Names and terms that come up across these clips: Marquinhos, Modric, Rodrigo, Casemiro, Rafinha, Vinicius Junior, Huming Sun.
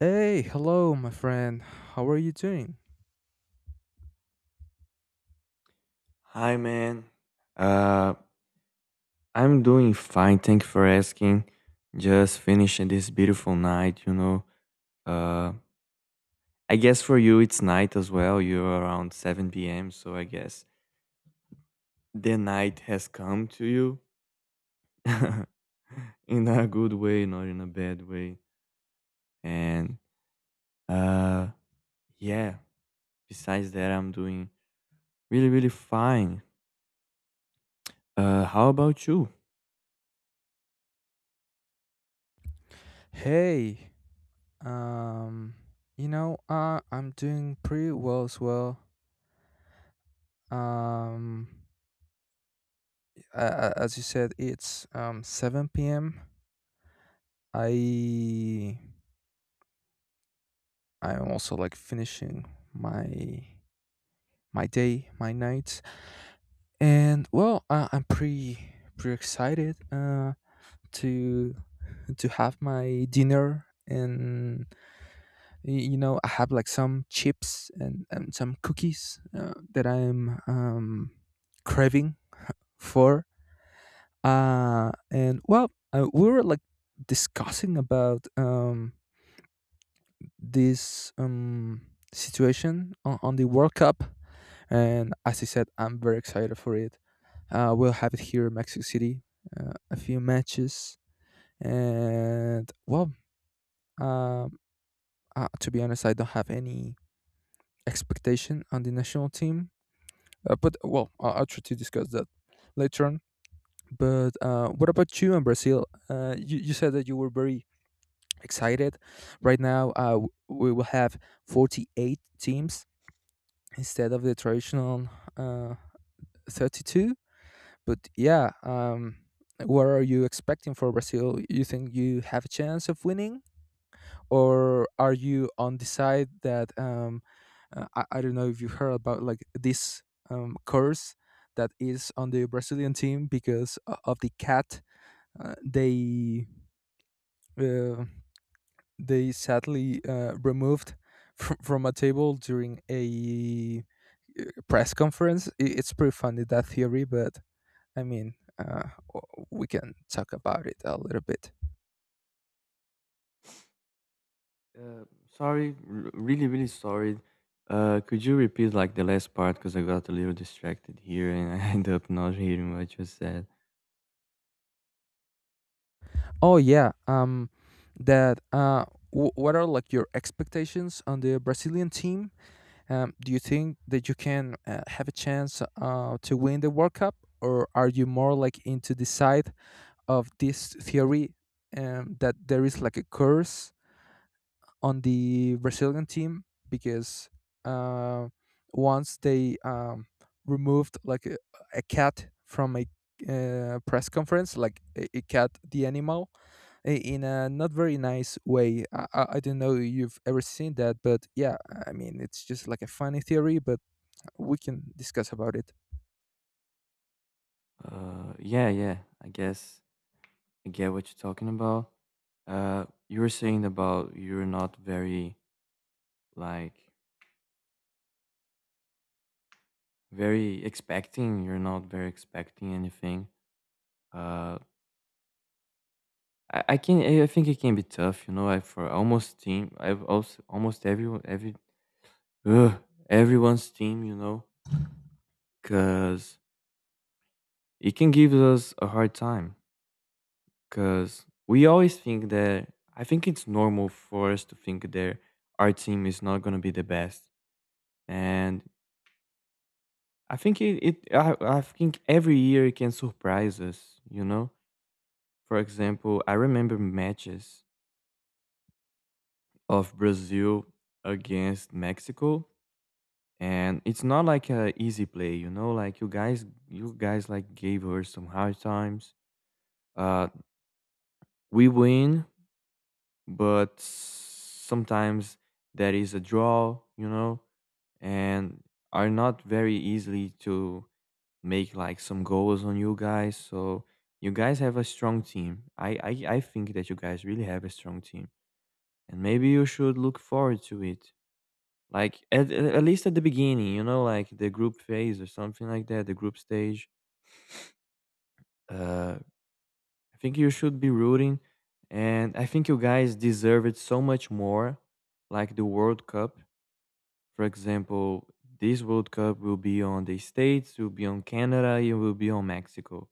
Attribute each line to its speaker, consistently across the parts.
Speaker 1: Hey, hello, my friend. How are you doing?
Speaker 2: Hi, man. Uh, I'm doing fine. Thank you for asking. Just finishing this beautiful night, you know. Uh, I guess for you it's night as well. You're around 7 p.m., so I guess the night has come to you in a good way, not in a bad way. And uh, yeah, besides that, I'm doing really, really fine. How about you?
Speaker 1: Hey, um, I'm doing pretty well. Um, as you said, it's 7 p.m. I I'm also like finishing my my day, my night, and I'm pretty excited to to have my dinner and you know I have like some chips and some cookies that I'm craving for. We were like discussing about this situation on the World Cup. And as I said, I'm very excited for it. We'll have it here in Mexico City, a few matches. And, well, um, to be honest, I don't have any expectation on the national team. I'll try to discuss that later on. But what about you in Brazil? You said that you were very excited. Right now, we will have 48 teams instead of the traditional uh, 32. But what are you expecting for Brazil? You think you have a chance of winning, or are you on the side that I don't know if you heard about like this curse that is on the Brazilian team because of the cat uh, they uh, they sadly removed from a table during a uh, press conference. I- It's pretty funny that theory, but I mean, we can talk about it a little bit.
Speaker 2: Uh, Sorry, really, really sorry. Could you repeat like the last part, because I got a little distracted here and I ended up not hearing what you said.
Speaker 1: Oh yeah, that uh, what are like your expectations on the Brazilian team? Do you think that you can have a chance to win the World Cup, or are you more like into the side of this theory that there is like a curse on the Brazilian team because uh, once they removed like a cat from a press conference, like a cat, the animal, in a not very nice way. I don't know if you've ever seen that, but yeah, I mean, it's just like a funny theory, but we can discuss about it.
Speaker 2: Yeah, yeah. I guess I get what you're talking about. You were saying about you're not very like very expecting. You're not very expecting anything. Uh, I think it can be tough. You know, I for almost team. I've also almost everyone every ugh, everyone's team. You know, cause it can give us a hard time because we always think that I think it's normal for us to think that our team is not going to be the best, and I think I think every year it can surprise us. You know, for example, I remember matches of Brazil against Mexico, and it's not like a easy play. You know, like you guys like gave her some hard times. Uh, we win, but sometimes there is a draw, you know, and are not very easily to make like some goals on you guys. So you guys have a strong team. I think that you guys really have a strong team, and maybe you should look forward to it. Like at least at the beginning, you know, like the group phase or something like that, the group stage. Uh, I think you should be rooting, and I think you guys deserve it so much more, like the World Cup. For example, this World Cup will be on the States, will be on Canada, it will be on Mexico.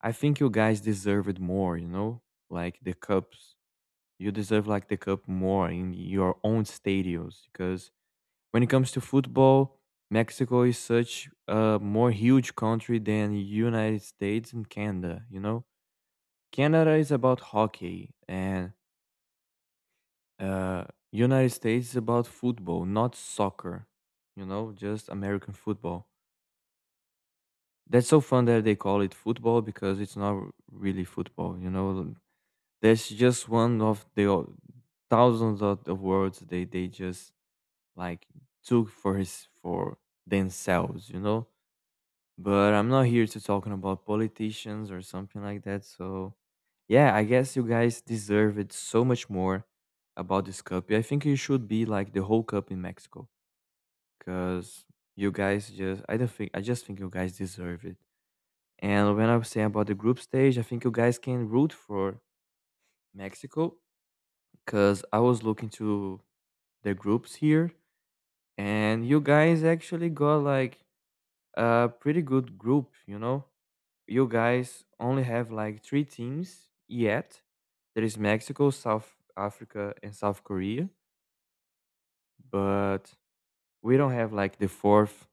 Speaker 2: I think you guys deserve it more, you know? Like the cups. You deserve like the cup more in your own stadiums, because when it comes to football, Mexico is such a more huge country than United States and Canada, you know? Canada is about hockey and uh United States is about football, not soccer, you know, just American football. That's so fun that they call it football because it's not really football, you know. That's just one of the thousands of the words they just like took for themselves, you know. But I'm not here to talking about politicians or something like that. So yeah, I guess you guys deserve it so much more about this cup. Yeah, I think you should be like the whole cup in Mexico, because you guys just I don't think I just think you guys deserve it. And when I was saying about the group stage, I think you guys can root for Mexico, because I was looking to the groups here, and you guys actually got like a pretty good group, you know? You guys only have like three teams yet. There is Mexico, South Africa, and South Korea, but we don't have like the fourth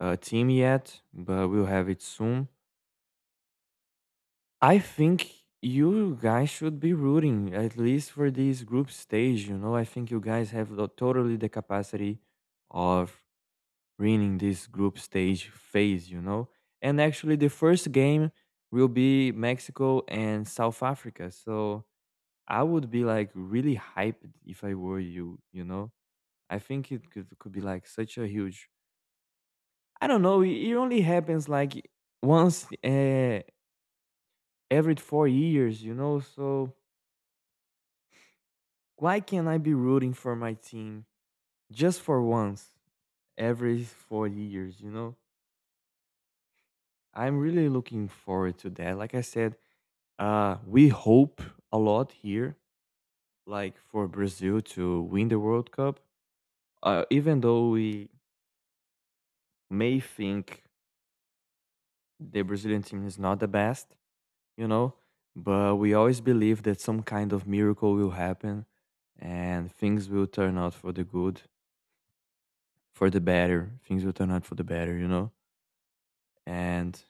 Speaker 2: team yet, but we'll have it soon. I think you guys should be rooting at least for this group stage. You know, I think you guys have the, totally the capacity of winning this group stage phase. You know, and actually the first game will be Mexico and South Africa. So I would be like really hyped if I were you. You know, I think it could be like such a huge. I don't know. It only happens like once every 4 years. You know, so why can't I be rooting for my team just for once every 4 years? You know, I'm really looking forward to that. Like I said, we hope a lot here, like for Brazil to win the World Cup. Even though we may think the Brazilian team is not the best, you know, but we always believe that some kind of miracle will happen and things will turn out for the good, for the better. Things will turn out for the better, you know. And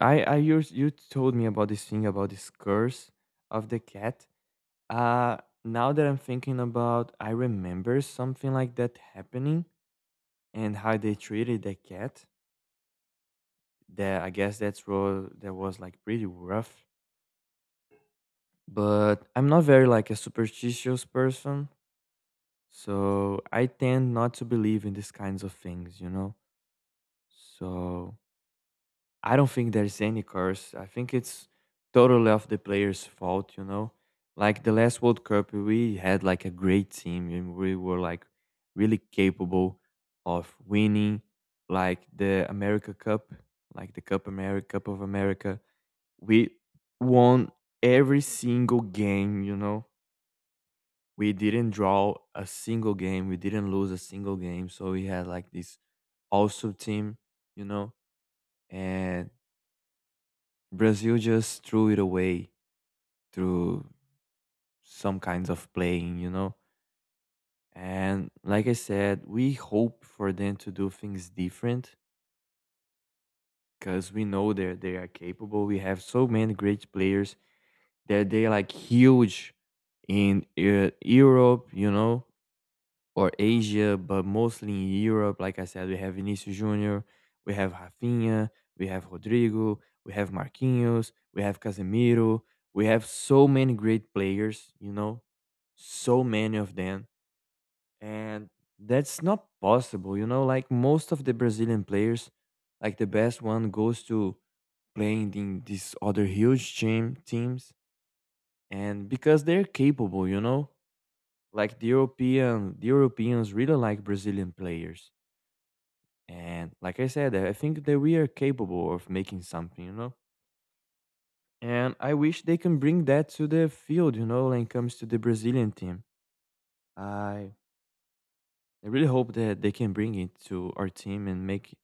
Speaker 2: I you you told me about this thing about this curse of the cat. Uh Now that I'm thinking about, I remember something like that happening and how they treated the cat. That, I guess that's role, that was like pretty rough. But I'm not very like a superstitious person, so I tend not to believe in these kinds of things, you know? So I don't think there's any curse. I think it's totally of the players' fault, you know. Like the last World Cup, we had like a great team and we were like really capable of winning like the America Cup, like the Cup America Cup of America. We won every single game, you know. We didn't draw a single game, we didn't lose a single game. So we had like this also team, you know. And Brazil just threw it away through some kinds of playing, you know? And like I said, we hope for them to do things different because we know that they are capable. We have so many great players that they like huge in Europe, you know? Or Asia, but mostly in Europe. Like I said, we have Vinicius Junior, we have Rafinha, we have Rodrigo, we have Marquinhos, we have Casemiro. We have so many great players, you know, so many of them, and that's not possible, you know. Like most of the Brazilian players, like the best one goes to playing in these other huge teams, and because they're capable, you know, like the European, the Europeans really like Brazilian players. And like I said, I think that we are capable of making something, you know? And I wish they can bring that to the field, you know, when it comes to the Brazilian team. I I really hope that they can bring it to our team and make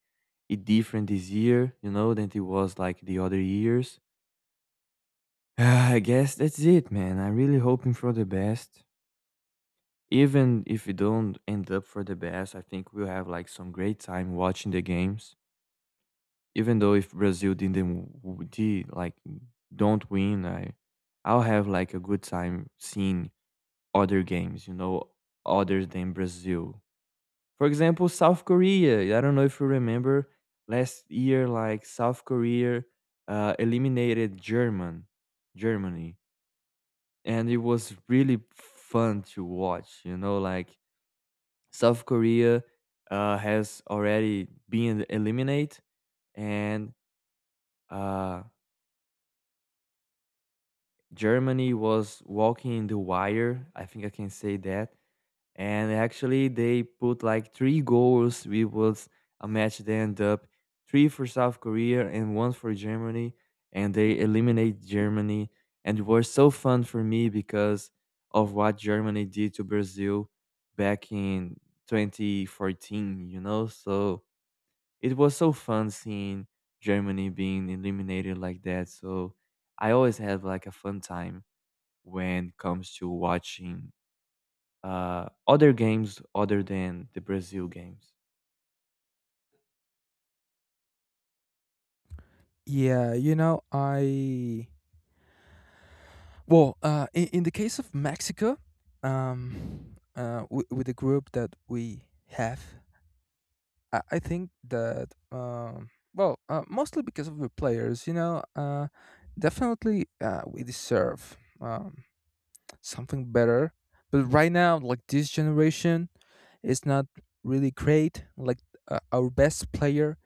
Speaker 2: it different this year, you know, than it was like the other years. Ah, I guess that's it, man. I'm really hoping for the best. Even if we don't end up for the best, I think we'll have like some great time watching the games. Even though if Brazil didn't w- did like don't win, I'll have like a good time seeing other games, you know, other than Brazil. For example, South Korea. I don't know if you remember last year, like South Korea eliminated Germany, and it was really fun to watch. You know, like South Korea has already been eliminated, and uh, Germany was walking the wire. I think I can say that. And actually, they put like three goals. It was a match. They end up three for South Korea and one for Germany, and they eliminate Germany. And it was so fun for me because of what Germany did to Brazil back in 2014. You know, so it was so fun seeing Germany being eliminated like that. So I always have like a fun time when it comes to watching other games other than the Brazil games.
Speaker 1: Yeah, you know, in the case of Mexico, with the group that we have, I think that mostly because of the players, you know, definitely we deserve something better. But right now, like this generation is not really great. Like our best player,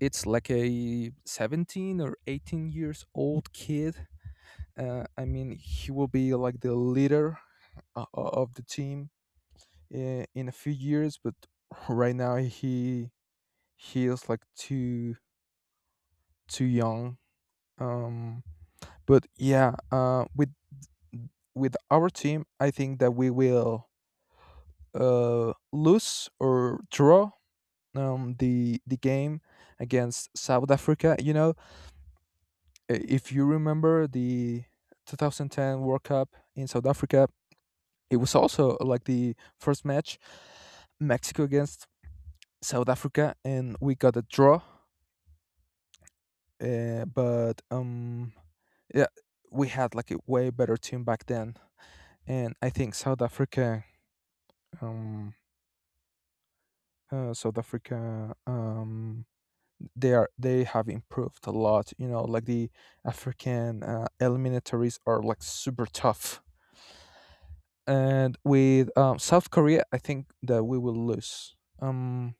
Speaker 1: it's like a 17 or 18 years old kid. I mean, he will be like the leader of the team in a few years, but right now he is like too young. Um, but yeah, With our team, I think that we will lose or draw the game against South Africa. You know, if you remember the 2010 World Cup in South Africa, it was also like the first match, Mexico against South Africa, and we got a draw. Uh, but um, yeah, we had like a way better team back then. And I think um, South Africa, they are, they have improved a lot. You know, like the African eliminatories are like super tough, and with South Korea, I think that we will lose.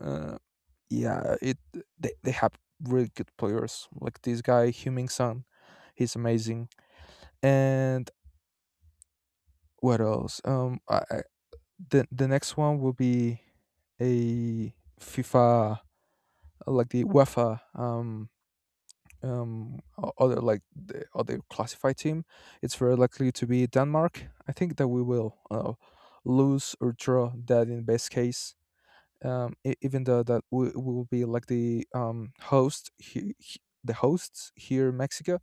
Speaker 1: uh, yeah, it They have really good players like this guy Huming Sun, he's amazing, and what else? I The next one will be a FIFA, like the UEFA, other, like the other classified team. It's very likely to be Denmark. I think that we will lose or draw that in best case. E- even though that we will be like the host, the hosts here in Mexico,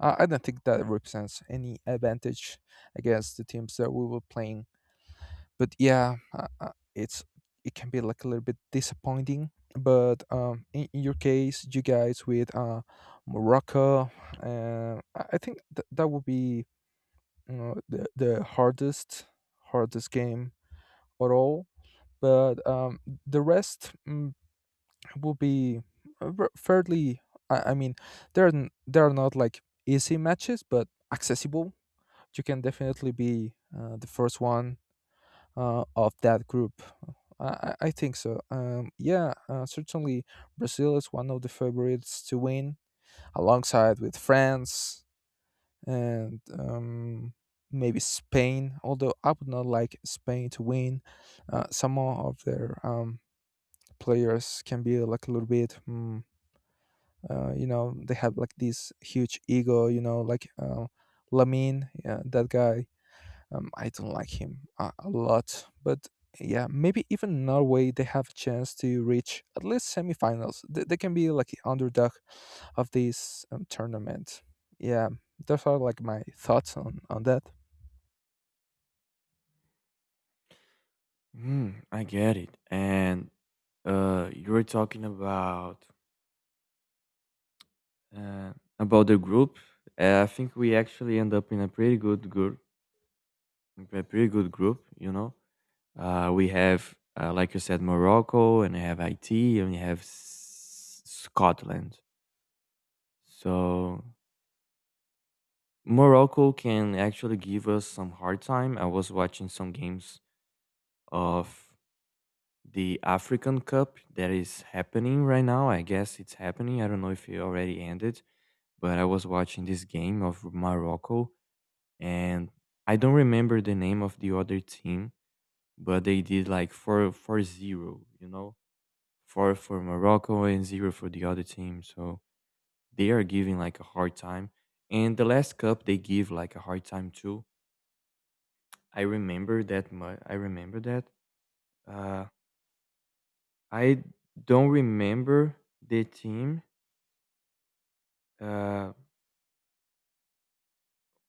Speaker 1: I don't think that represents any advantage against the teams that we will playing, but it's, it can be like a little bit disappointing. But in your case, you guys with Morocco, I think that would be, you know, the hardest game at all. But the rest, will be fairly, I mean, there are there are not like easy matches, but accessible. You can definitely be the first one of that group. I, I think so. Yeah, Certainly Brazil is one of the favorites to win, alongside with France and maybe Spain. Although I would not like Spain to win. Some of their players can be like a little bit, you know, they have like this huge ego. You know, like Lamine, yeah, that guy, I don't like him a, lot, but yeah, maybe even Norway, they have a chance to reach at least semifinals. They can be like the underdog of this tournament. Yeah, those are like my thoughts on that.
Speaker 2: Mm, I get it. And you were talking uh, about the group. I think we actually end up in a pretty good group. A pretty good group, you know. We have, like you said, Morocco, and we have Haiti, and we have Scotland. So Morocco can actually give us some hard time. I was watching some games of the African Cup that is happening right now. I guess it's happening. I don't know if it already ended, but I was watching this game of Morocco, and I don't remember the name of the other team, but they did like four four zero, you know, 4 for Morocco and 0 for the other team. So they are giving like a hard time. And the last cup they give like a hard time too. I remember that much. I remember that. Uh, I don't remember the team, uh,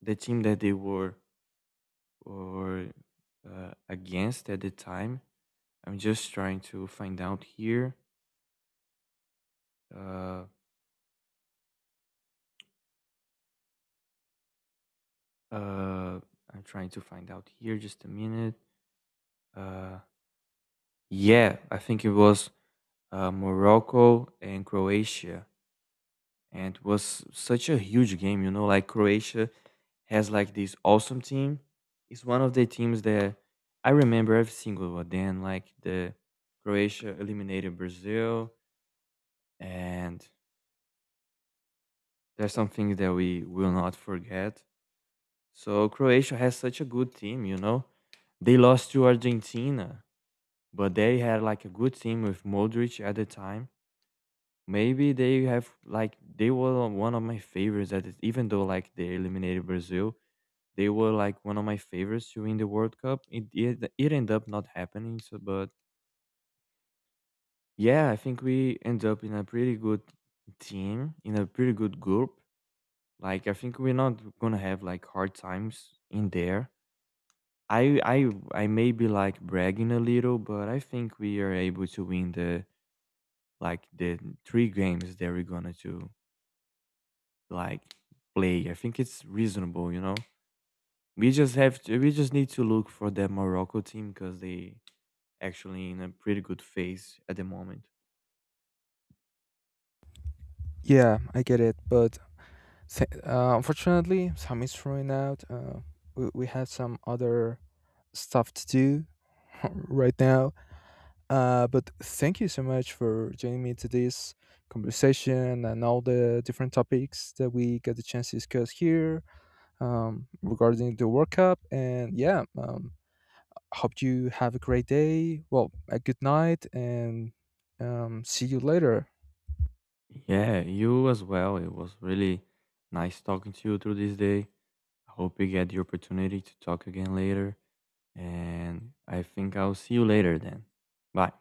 Speaker 2: the team that they were or against at the time. I'm just trying to find out here. Uh, uh, I'm trying to find out here. Just a minute. Uh, yeah, I think it was Morocco and Croatia. And it was such a huge game, you know, like Croatia has like this awesome team. It's one of the teams that I remember every single one then, like the Croatia eliminated Brazil, and there's some things that we will not forget. So Croatia has such a good team, you know. They lost to Argentina, but they had like a good team with Modric at the time. Maybe they have like they were one of my favorites at it, even though like they eliminated Brazil. They were like one of my favorites to win the World Cup. It ended up not happening, so but yeah, I think we end up in a pretty good team, in a pretty good group. Like I think we're not gonna have like hard times in there. I may be like bragging a little, but I think we are able to win the like the three games that we're gonna to like play. I think it's reasonable, you know. We just need to look for that Morocco team because they actually in a pretty good phase at the moment.
Speaker 1: Yeah, I get it, but unfortunately, time is running out. We have some other stuff to do right now. But thank you so much for joining me to this conversation and all the different topics that we got the chance to discuss here regarding the World Cup. And yeah, hope you have a great day. Well, a good night, and see you later.
Speaker 2: Yeah, you as well. It was really nice talking to you through this day. I hope you get the opportunity to talk again later. And I think I'll see you later then. Bye.